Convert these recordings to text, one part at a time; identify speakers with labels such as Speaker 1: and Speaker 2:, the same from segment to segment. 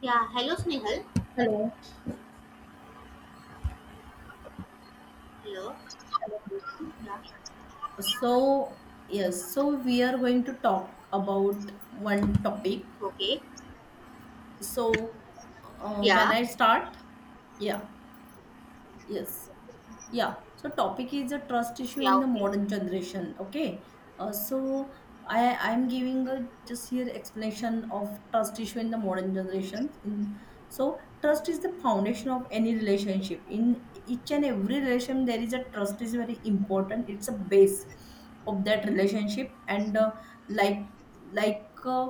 Speaker 1: Yeah, hello Snehal.
Speaker 2: Hello.
Speaker 1: Hello.
Speaker 2: Hello, Mansi.
Speaker 1: Yeah,
Speaker 2: So, yes, so we are going to talk about one topic.
Speaker 1: okay.
Speaker 2: So, can
Speaker 1: Yeah,
Speaker 2: I start? Yeah, yes. Yeah, so topic is a trust issue
Speaker 1: yeah,
Speaker 2: in the
Speaker 1: okay.
Speaker 2: modern generation. Okay, so I'm giving a just here explanation of trust issue in the modern generation. In So trust is the foundation of any relationship. In each and every relation, there is a trust is very important. It's a base of that relationship and like like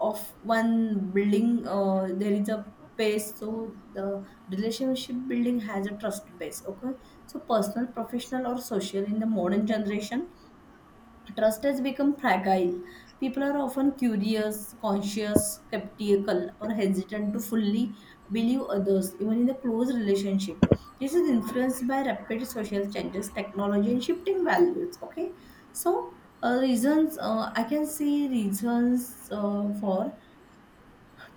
Speaker 2: of one building, there is a base. So the relationship building has a trust base. Okay, so personal, professional, or social, in the modern generation, trust has become fragile. People are often curious, conscious, skeptical, or hesitant to fully believe others, even in the close relationship. This is influenced by rapid social changes, technology, and shifting values. Okay, so reasons I can see reasons for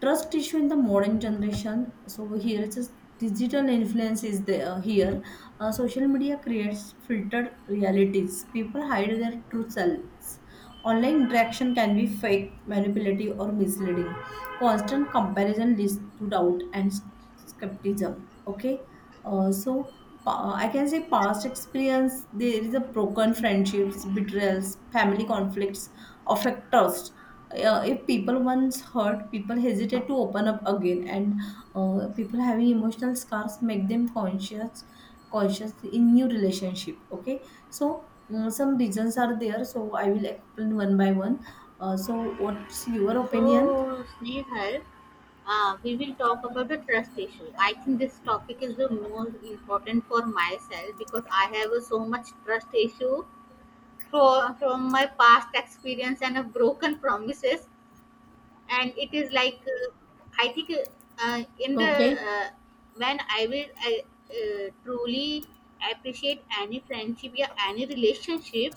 Speaker 2: trust issue in the modern generation. So here it's just digital influence is there. Here Social media creates filtered realities. People hide their true selves. Online interaction can be fake, manipulative, or misleading. Constant comparison leads to doubt and skepticism. Okay, uh, so I can say past experience, there is a broken friendships, betrayals, family conflicts, of trust. If people once hurt, people hesitate to open up again, and people having emotional scars make them conscious in new relationship. Okay, so some reasons are there. So I will explain one by one. So what's your opinion?
Speaker 1: So, Snehal, we will talk about the trust issue. I think this topic is the most important for myself because I have a so much trust issue from my past experience and of broken promises. And it is like, I think in the,
Speaker 2: Okay.
Speaker 1: when I will I, truly appreciate any friendship or any relationship.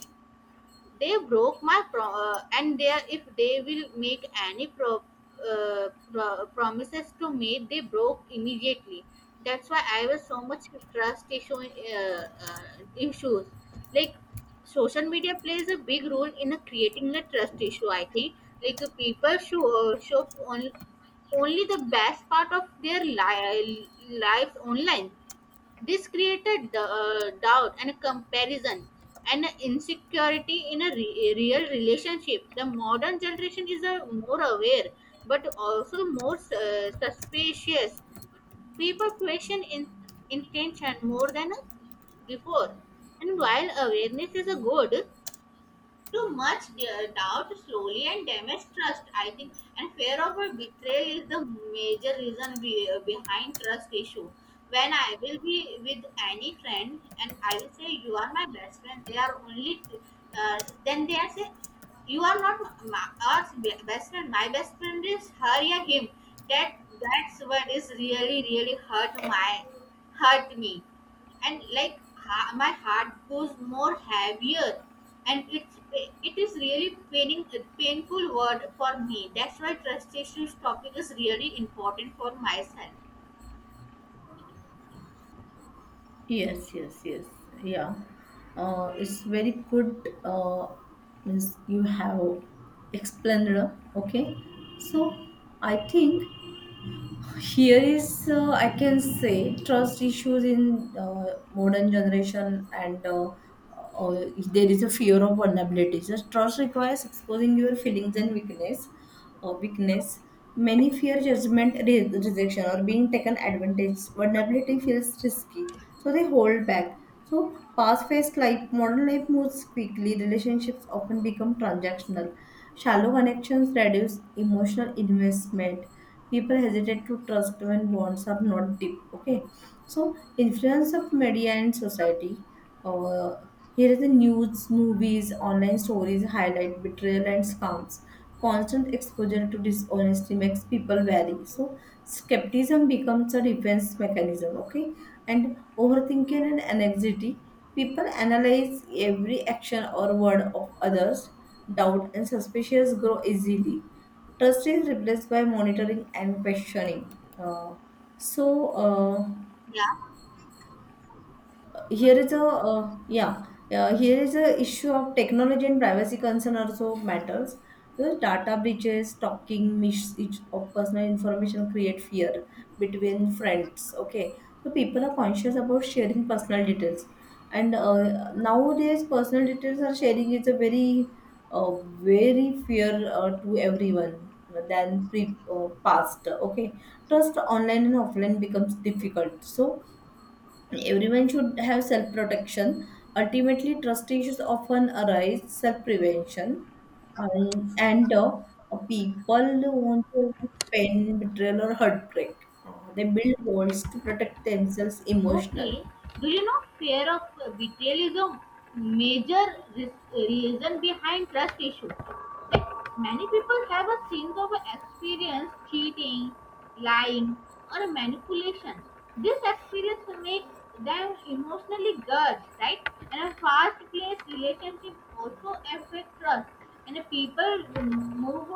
Speaker 1: They broke my pro- and they If they will make any promises to me, they broke immediately. That's why I was so much trust issue issues. Like social media plays a big role in creating the trust issue. I think like people show show only only the best part of their lives online. This created the, doubt and a comparison and a insecurity in a real relationship. The modern generation is more aware but also more suspicious. People question intention more than before. And while awareness is a good, too much doubt slowly and damage trust, I think. And fear of a betrayal is the major reason behind trust issue. When I will be with any friend and I will say, "You are my best friend," they are only, then they are say, "You are not my, our best friend. My best friend is her or him." That's what is really really hurt me, and like my heart goes more heavier, and it is really paining painful word for me. That's why trust issues topic is really important for myself.
Speaker 2: Yes, yes, yes. Yeah. It's very good. Means you have explained. Okay. So I think here is, I can say, trust issues in modern generation, and there is a fear of vulnerability. So trust requires exposing your feelings and weakness. Many fear judgment, rejection, or being taken advantage. Vulnerability feels risky, so they hold back. So, past phase life, modern life moves quickly. Relationships often become transactional. Shallow connections reduce emotional investment. People hesitate to trust when bonds are not deep. Okay, so influence of media and society. Uh, Here is the news, movies, online stories highlight betrayal and scams. Constant exposure to dishonesty makes people wary. So skepticism becomes a defense mechanism. Okay, and overthinking and anxiety. People analyze every action or word of others. Doubt and suspicions grow easily. Trust is replaced by monitoring and questioning. So.
Speaker 1: Yeah,
Speaker 2: Here is a yeah Here is a issue of technology and privacy concern also matters. The data breaches, talking misuse of personal information, create fear between friends. Okay, so people are conscious about sharing personal details, and nowadays personal details are sharing is a very uh, very fear to everyone than pre past. Okay, trust online and offline becomes difficult. So everyone should have self protection. Ultimately, trust issues often arise self prevention and people who want to avoid pain, betrayal, or heartbreak. They build walls to protect themselves
Speaker 1: okay.
Speaker 2: emotionally.
Speaker 1: Do you know fear of betrayal is a major reason behind trust issue? Many people have a sense of experience cheating, lying, or manipulation. This experience makes them emotionally guarded, right? And a fast-paced relationship also affects trust. And the people move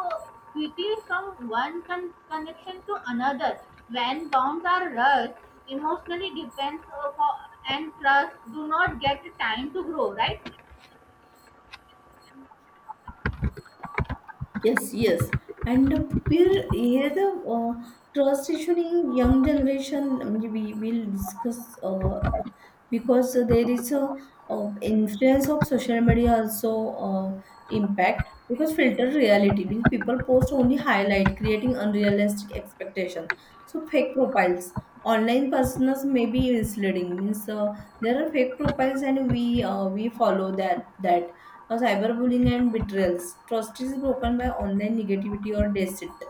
Speaker 1: quickly from one connection to another. When bonds are rushed, emotionally depends and trust do not get time to grow, right?
Speaker 2: Yes, yes. And peer here the trust issue in young generation, we will discuss. Because there is a influence of social media also, impact, because filtered reality means people post only highlight, creating unrealistic expectation. So fake profiles, online personas may be misleading. Means there are fake profiles and we follow that cyberbullying and betrayals. Trust is broken by online negativity or deceit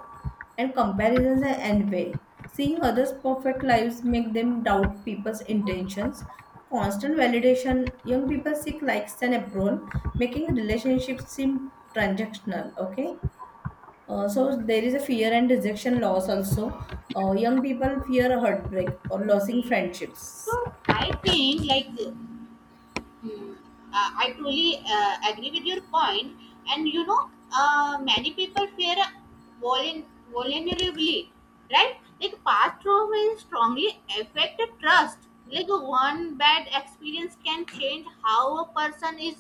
Speaker 2: and comparisons and envy. Seeing others' perfect lives make them doubt people's intentions. Constant validation, young people seek likes and approval, making relationships seem transactional. Okay, so there is a fear and rejection loss also. Young people fear heartbreak or losing
Speaker 1: Okay.
Speaker 2: friendships.
Speaker 1: So I think like, hmm, I truly agree with your point, and you know, many people fear vulner- vulnerability, right? Like past trauma will strongly affect trust. Like one bad experience can change how a person is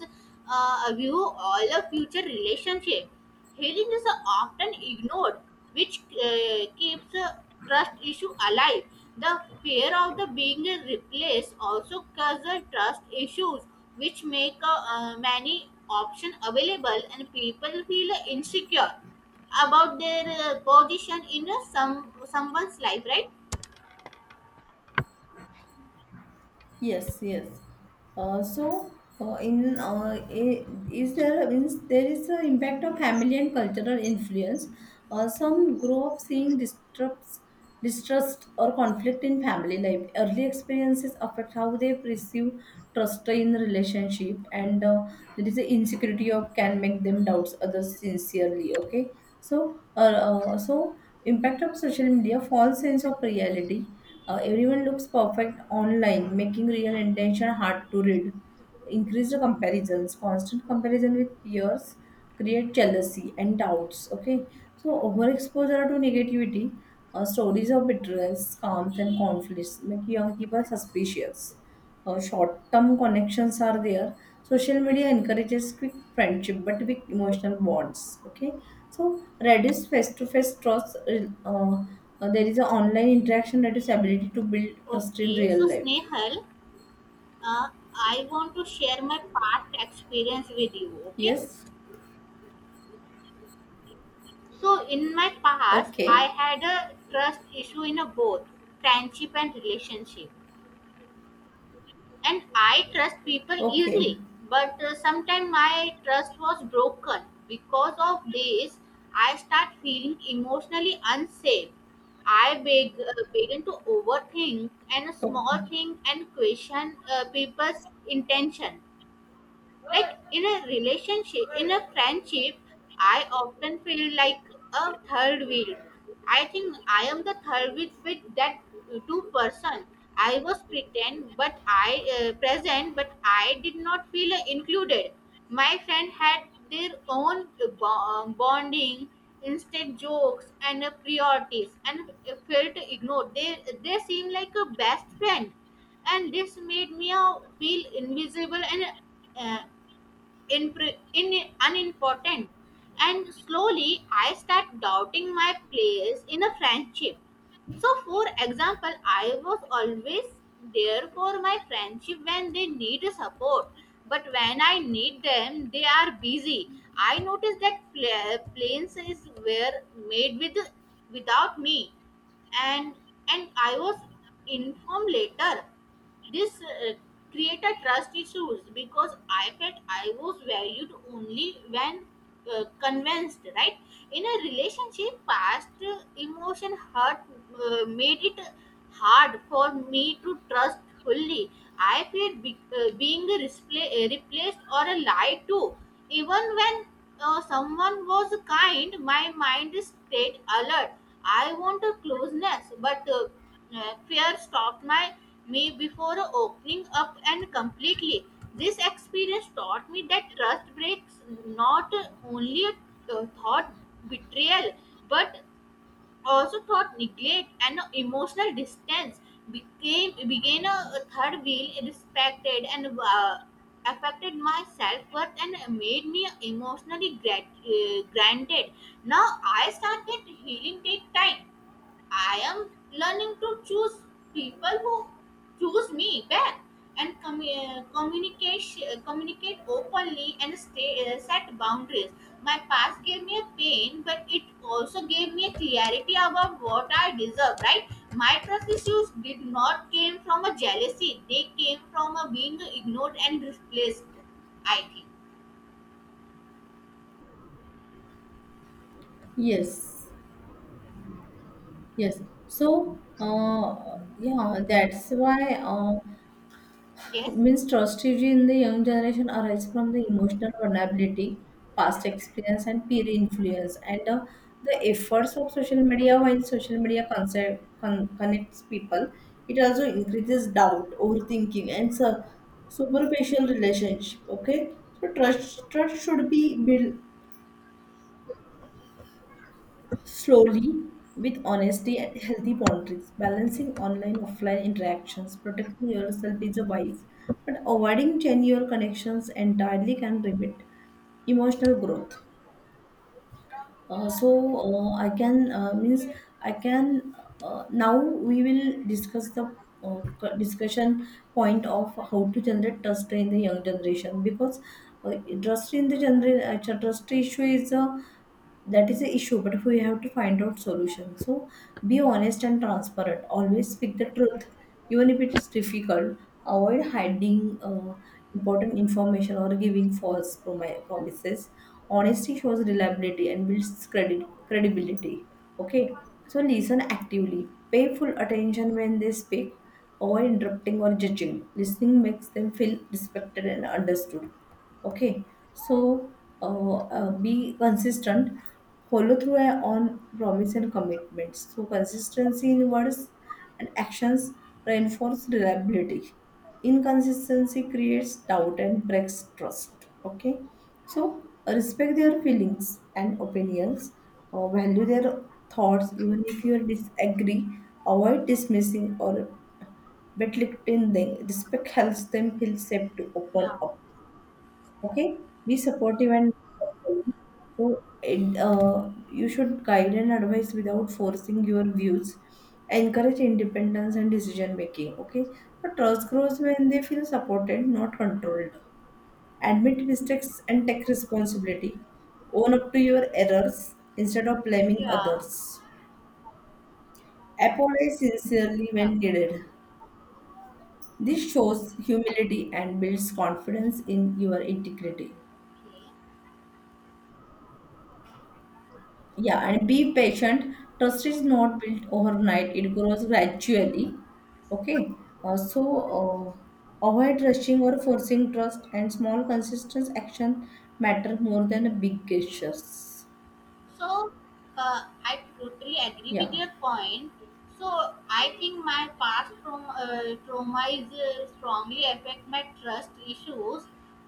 Speaker 1: view all the future relationship. Healing is often ignored, which keeps trust issue alive. The fear of the being replaced also causes trust issues, which make many options available, and people feel insecure about their position in someone's life. Right?
Speaker 2: Yes, yes. Uh, so, is there a, means there is an impact of family and cultural influence. Some grow up seeing distrust or conflict in family life. Early experiences affect how they perceive trust in relationship, and there is an insecurity of can make them doubts others sincerely. Okay, so uh, so impact of social media, false sense of reality. Everyone looks perfect online, making real intention hard to read. Increased comparisons, constant comparison with peers create jealousy and doubts. Okay, so overexposure to negativity, stories of bitterness, scams, and conflicts make young people suspicious. Short-term connections are there. Social media encourages quick friendship but weak emotional bonds. Okay, so reduce face-to-face trust. Uh, there is an online interaction that is ability to build trust in
Speaker 1: Okay. So
Speaker 2: real life.
Speaker 1: Snehal, uh, I want to share my past experience with you. Okay.
Speaker 2: Yes.
Speaker 1: So in my past, I
Speaker 2: Okay.
Speaker 1: had a trust issue in a both friendship and relationship, and I trust people
Speaker 2: Okay.
Speaker 1: easily. But sometimes my trust was broken because of this. I start feeling emotionally unsafe. I begin to overthink and a small
Speaker 2: Okay.
Speaker 1: thing and question people's intention. Like in a relationship, in a friendship, I often feel like a third wheel. I think I am the third wheel with that two person. I was pretend but I present, but I did not feel included. My friend had their own bonding, instead jokes and priorities, and felt ignored. They seem like a best friend, and this made me feel invisible and uh, unimportant. And slowly, I start doubting my place in a friendship. So, for example, I was always there for my friendship when they need support, but when I need them, they are busy. I noticed that planes is were made with without me, and I was informed later. This created trust issues because I felt I was valued only when convinced, right? In a relationship, past emotion hurt made it hard for me to trust fully. I feared replaced or a lie to. Even when someone was kind, my mind stayed alert. I wanted closeness, but fear stopped my me before opening up and completely. This experience taught me that trust breaks not only thought betrayal, but also thought neglect and emotional distance. Became began a Third wheel respected and affected my self-worth and made me emotionally granted. Now I started healing, take time. I am learning to choose people who choose me back and communicate openly and stay, set boundaries. My past gave me a pain, but it also gave me a clarity about what I deserve. Right? My trust issues did not came from a jealousy; they came from a being ignored and replaced. I think.
Speaker 2: Yes. Yes. So, yeah, that's why.
Speaker 1: Yes.
Speaker 2: Means strategy in the young generation arise from the emotional vulnerability, past experience, and peer influence, and the efforts of social media. While social media connects people, it also increases doubt, overthinking, and superficial relationship. Okay, so trust should be built slowly with honesty and healthy boundaries, balancing online offline interactions. Protecting yourself is a wise, but avoiding genuine connections entirely can limit emotional growth. uh, so I can means I can now we will discuss the discussion point of how to generate trust in the young generation. Because uh, trust in the generation trust issue is a, that is the issue, but we have to find out solution. So be honest and transparent, always speak the truth even if it is difficult. Avoid hiding important information or giving false promises. Honesty shows reliability and builds credit credibility. Okay, so listen actively. Pay full attention when they speak. Avoid interrupting or judging. Listening makes them feel respected and understood. Okay, so be consistent, follow through on promise and commitments. So consistency in words and actions reinforce reliability. Inconsistency creates doubt and breaks trust. Okay, so respect their feelings and opinions, value their thoughts, even if you disagree. Avoid dismissing or belittling them. Respect helps them feel safe to open
Speaker 1: Yeah.
Speaker 2: up. Okay, be supportive, and so it, you should guide and advise without forcing your views. Encourage independence and decision making. Okay, so trust grows when they feel supported, not controlled. Admit mistakes and take responsibility. Own up to your errors instead of blaming
Speaker 1: Yeah.
Speaker 2: others. Apologize sincerely
Speaker 1: Yeah.
Speaker 2: when needed. This shows humility and builds confidence in your integrity.
Speaker 1: Okay.
Speaker 2: Yeah, and be patient. Trust is not built overnight, it grows gradually. Okay, avoid rushing or forcing trust, and small, consistent action matter more than big
Speaker 1: Okay.
Speaker 2: gestures.
Speaker 1: So I totally agree with
Speaker 2: Yeah.
Speaker 1: your point. So I think my past trauma, trauma is strongly affect my trust issues.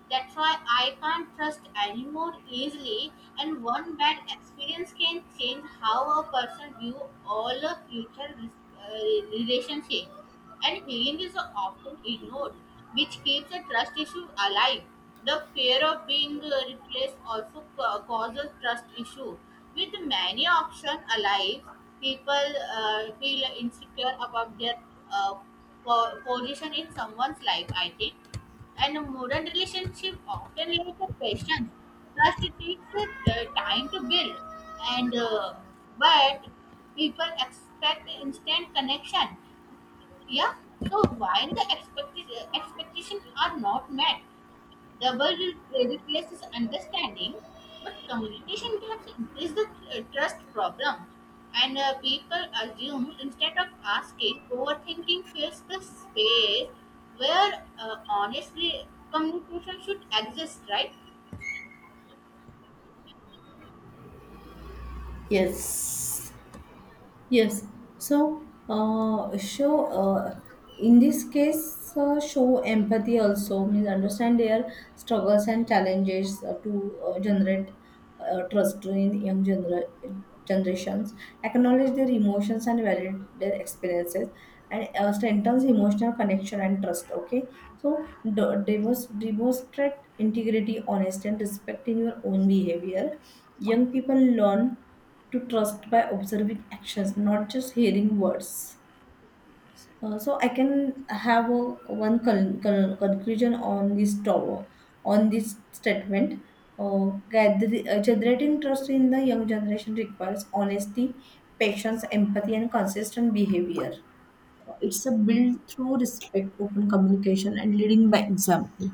Speaker 1: That's why I can't trust anymore easily. And one bad experience can change how a person view all of future relationship, and healing is often ignored, which keeps a trust issue alive. The fear of being replaced also causes trust issue. With many options alive, people feel insecure about their uh, position in someone's life, I think. And a modern relationship often lack a patience. Trust takes time to build, and but people expect instant connection, yeah. So while the expectations are not met, double replaces understanding, but communication gaps is the trust problem. And people assume instead of asking, overthinking fills the space where honestly communication should exist, right?
Speaker 2: Yes. Yes. So, show in this case, show empathy. Also means understand their struggles and challenges to generate trust in young generations. Acknowledge their emotions and validate their experiences, and strengthens emotional connection and trust. Okay. So, demonstrate integrity, honesty, and respect in your own behavior. Young people learn to trust by observing actions, not just hearing words. So I can have a, one conclusion on this tower, on this statement. Generating trust in the young generation requires honesty, patience, empathy, and consistent behavior. It's a build through respect, open communication, and leading by example.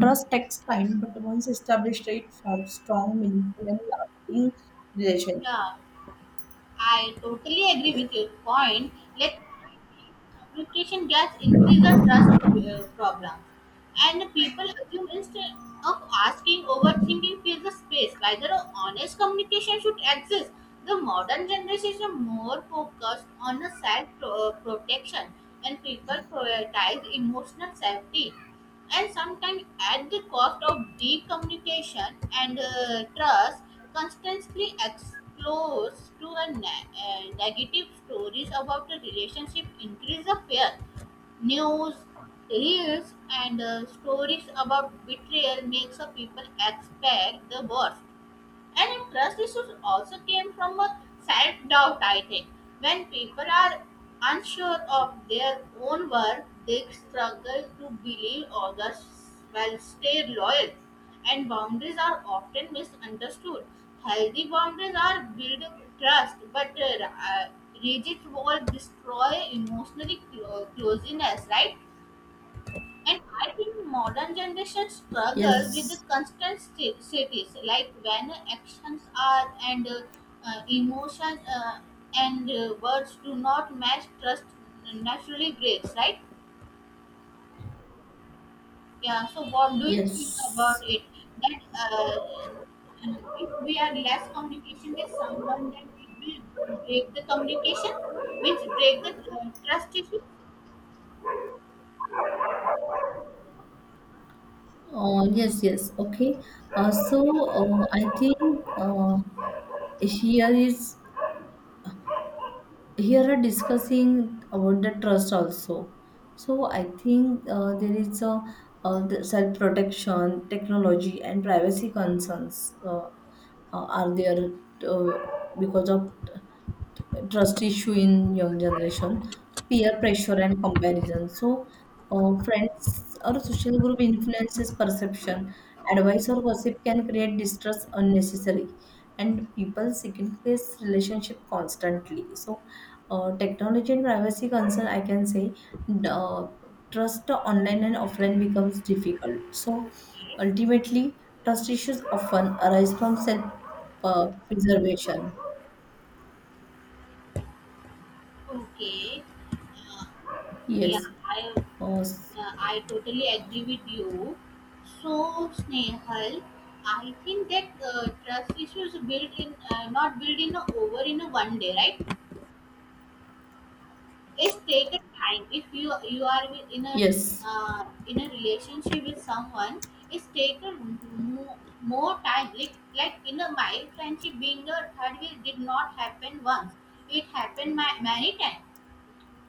Speaker 2: Trust takes time, but once established, it forms strong, meaningful, and lasting relation.
Speaker 1: Yeah. I totally agree with your point. Let communication gaps increase the trust problem, and people assume instead of asking, overthinking fills the space. Rather, a honest communication should exist. The modern generation is more focused on the self protection, and people prioritize emotional safety, and sometimes at the cost of deep communication and trust. Constantly exposed to a negative stories about the relationship increase the fear. News, reels, and stories about betrayal makes a people expect the worst. And if trust issues also came from a self doubt, I think. When people are unsure of their own worth, they struggle to believe others will stay loyal. And boundaries are often misunderstood. Healthy boundaries are build trust, but rigid walls destroy emotional closeness, right? And I think modern generation struggles with the
Speaker 2: Yes.
Speaker 1: constant status, like when actions are uh, emotion uh, and words do not match, trust naturally breaks, right? Yeah. So what do you think about
Speaker 2: Yes.
Speaker 1: it? That if we are less communication with someone, then it will break the communication, means break the trust issue.
Speaker 2: Yes, yes. Okay. I think uh, here is here are discussing about the trust also. So I think there is a, the self protection, technology, and privacy concerns are there uh, because of trust issue in young generation, peer pressure and comparison. So, friends or social group influences perception. Advice or gossip can create distrust unnecessarily, and people second place relationship constantly. So, technology and privacy concern, I can say, uh, trust online and offline becomes difficult. So, ultimately, trust issues often arise from self preservation.
Speaker 1: Okay. Uh,
Speaker 2: Yes.
Speaker 1: yeah, I
Speaker 2: Or s-
Speaker 1: Yeah, I totally agree with you. So, Snehal, I think that trust issues not built in a, over in a one day, right? It's taken time. If you are
Speaker 2: yes.
Speaker 1: in a relationship with someone, it's taken more time. Like in a my friendship, being a third wheel did not happen once. It happened my, many times.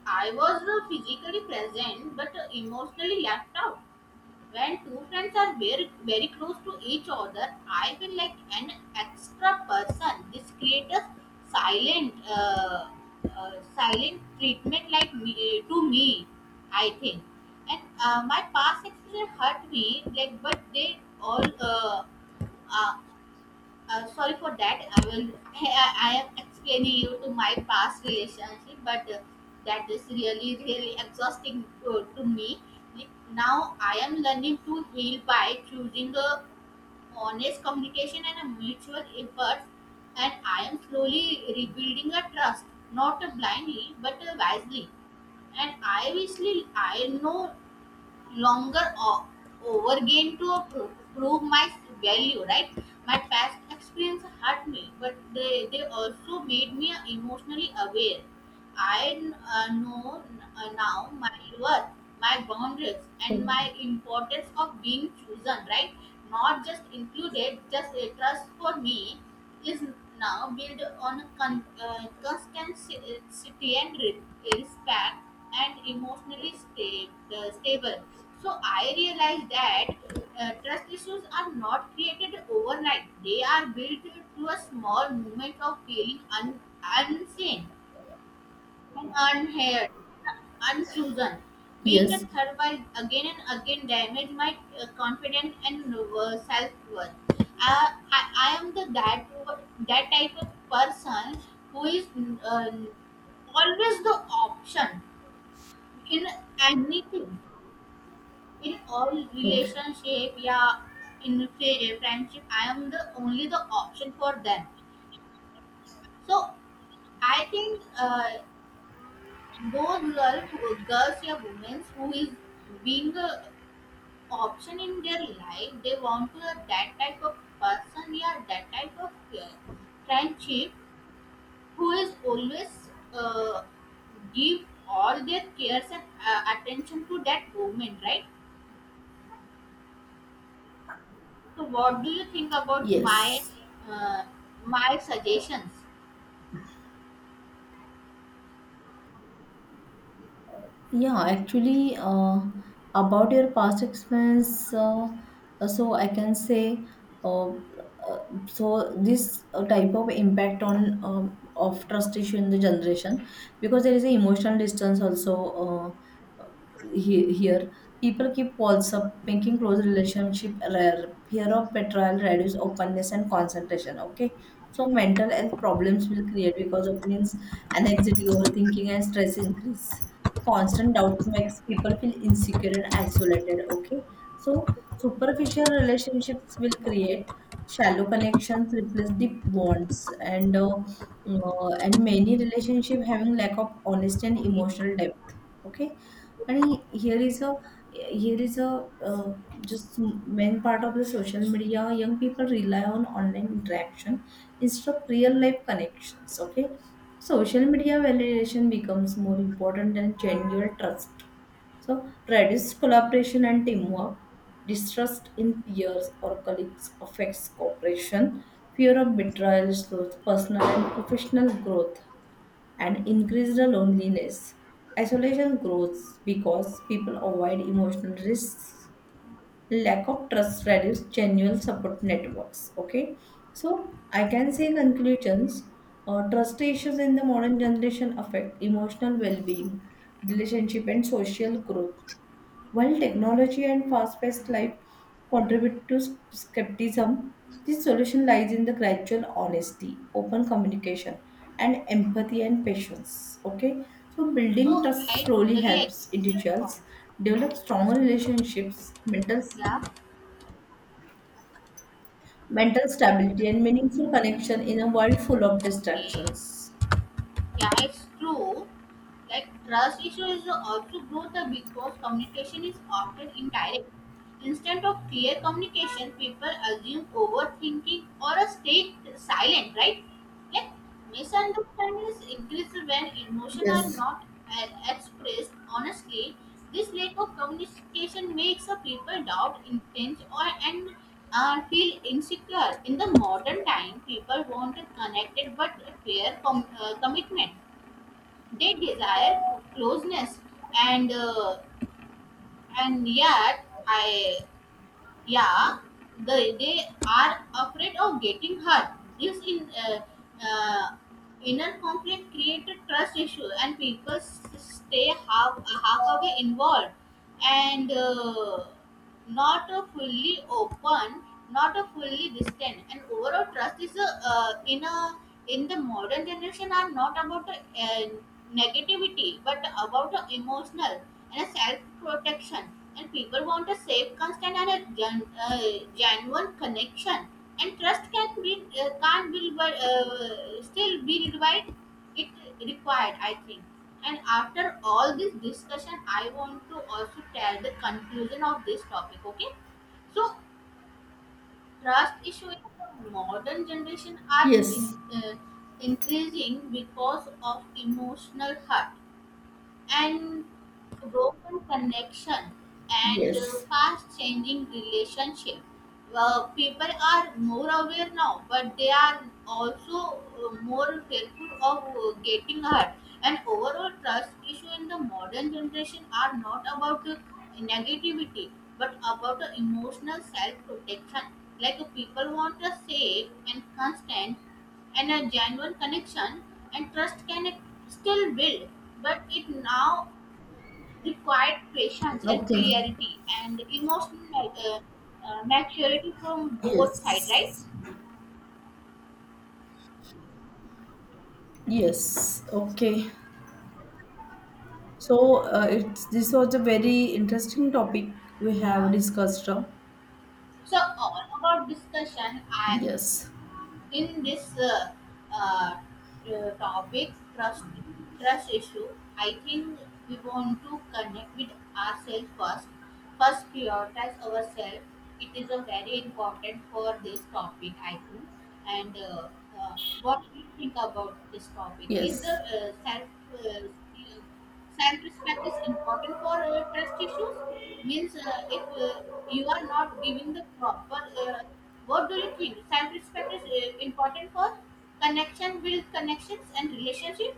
Speaker 1: I was physically present, but emotionally left out. When two friends are very, very close to each other, I feel like an extra person. This creates silent, uh, silent treatment like me, to me, I think. And my past experience hurt me, like, uh, sorry for that. I will. I am explaining you to my past relationship, but that is really really exhausting to me. Like, now I am learning to heal by choosing a honest communication and a mutual effort, and I am slowly rebuilding a trust, not blindly but wisely. And I obviously I know longer overgain to prove my value, right. My past experience hurt me, but they also made me emotionally aware. I know now my worth, my boundaries, and
Speaker 2: Okay.
Speaker 1: my importance of being chosen, right? Not just included, just a trust for me is now built on constancy and respect and emotionally stable. So I realized that trust issues are not created overnight. They are built through a small moment of feeling unseen and hair and being a
Speaker 2: Yes.
Speaker 1: third wife again and again damaged my confidence and self worth. I am the that that type of person who is, um, always the option in anything, in all
Speaker 2: Okay.
Speaker 1: relationship, yeah. In friendship I am the only the option for them. So I think both girls, Garcia women who is being option in their life, they want to have that type of person, yeah, that type of uh, friendship who is always give all their cares and attention to that woman, right? So, what do you think about my
Speaker 2: Yes.
Speaker 1: uh, my suggestions?
Speaker 2: Yeah, actually, about your past experience, I can say, uh, uh, this type of impact on of trust issue in the generation. Because there is an emotional distance also. uh, uh, Here, people keep walls up, making close relationship rare. Fear of betrayal reduce openness and concentration. Okay, so mental health problems will create because of, means anxiety, overthinking, and stress increase. Constant doubt makes people feel insecure and isolated. Okay, so superficial relationships will create. Shallow connections replace deep bonds, and many relationship having lack of honesty and
Speaker 1: Okay,
Speaker 2: emotional depth. Okay, and here is a uh, just main part of the social media, young people rely on online interaction instead of real life connections. Okay, social media validation becomes more important than genuine trust. So, reduced collaboration and teamwork, distrust in peers or colleagues affects cooperation, fear of betrayal slows personal and professional growth, and increased loneliness. Isolation grows because people avoid emotional risks. Lack of trust reduce genuine support networks. Okay, so I can say conclusions. Trust issues in the modern generation affect emotional well-being, relationship and social growth. While technology and fast-paced life contribute to skepticism, the solution lies in the gradual honesty, open communication, and empathy and patience. Okay, so building
Speaker 1: so
Speaker 2: trust
Speaker 1: I totally
Speaker 2: slowly helps
Speaker 1: agree with your point.
Speaker 2: individuals develop stronger relationships, mental
Speaker 1: Yeah.
Speaker 2: mental stability, and meaningful connection in a world full of
Speaker 1: Okay.
Speaker 2: distractions.
Speaker 1: Yeah, it's true. Like trust issues also grow the because communication is often indirect. Instead of clear communication, people assume overthinking or a stay silent, right? Like misunderstandings increase when emotions are
Speaker 2: Yes.
Speaker 1: not expressed honestly. This lack of communication makes a people doubt intent or and feel insecure. In the modern time, people want a connected but a clear commitment. They desire closeness, and uh, and yet I yeah they are afraid of getting hurt. This in uh, inner conflict created trust issue, and people stay half half away involved, and, not a fully open, not a fully distant. And overall trust is a, in the modern generation are not about a, negativity, but about a emotional and a self protection. And people want a safe, constant, and a genuine connection. And trust can be can't be still be revived. It required, I think. And after all this discussion, I want to also tell the conclusion of this topic. Okay, so trust issues in modern generation are
Speaker 2: Yes.
Speaker 1: increasing because of emotional hurt and broken connection and
Speaker 2: Yes.
Speaker 1: fast changing relationship. Well, people are more aware now, but they are also more fearful of getting hurt. And overall, trust issue in the modern generation are not about negativity, but about emotional self-protection. Like people want a safe and constant and a genuine connection, and trust can still build, but it now required patience and
Speaker 2: Okay.
Speaker 1: clarity and emotional maturity from both sides, right?
Speaker 2: Yes. Yes. Okay. So it's this was a very interesting topic we have
Speaker 1: Yeah.
Speaker 2: discussed.
Speaker 1: So all about discussion, I
Speaker 2: Yes.
Speaker 1: in this uh, topic trust trust issue, I think we want to connect with ourselves first, first prioritize ourselves. It is a very important for this topic, I think. And uh, what do you think about this topic is the
Speaker 2: Yes.
Speaker 1: self uh, self respect is important for trust issues, means if you are not giving the proper uh, what do you think self respect is important for connection, build connections and relationship?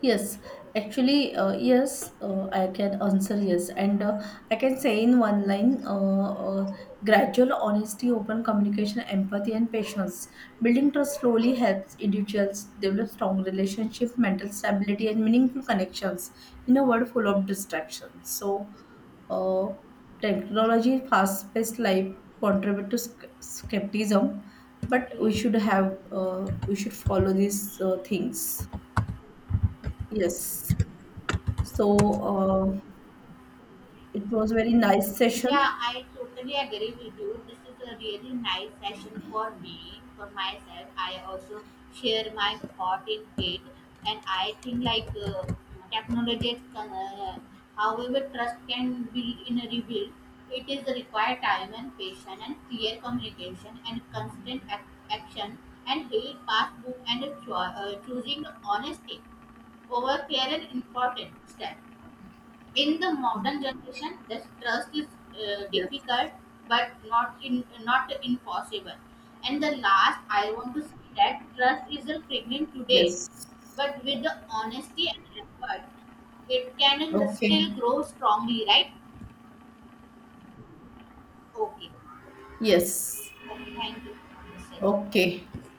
Speaker 2: Yes, actually, yes, I can answer yes. And I can say in one line uh, gradual honesty, open communication, empathy, and patience. Building trust slowly helps individuals develop strong relationships, mental stability, and meaningful connections in a world full of distractions. So, uh, technology, fast paced life contribute to skepticism, but
Speaker 1: Okay.
Speaker 2: we should have, we should follow these things. Yes. So it was very nice session.
Speaker 1: Yeah, I totally agree with you. This is a really nice session for me, for myself. I also share my thought in it, and I think like technology, can, however, trust can build in a rebuild. It is require time and patience and clear communication and constant action and read passbook and a choosing honesty over clear and important step. In the modern generation, the trust is
Speaker 2: Yes.
Speaker 1: difficult, but not impossible. And the last, I want to say that trust is a premium today,
Speaker 2: Yes.
Speaker 1: but with the honesty and effort, it can still
Speaker 2: Okay.
Speaker 1: grow strongly. Right? Okay.
Speaker 2: Yes.
Speaker 1: Okay. Thank you for this session.
Speaker 2: Okay.
Speaker 1: Thank you.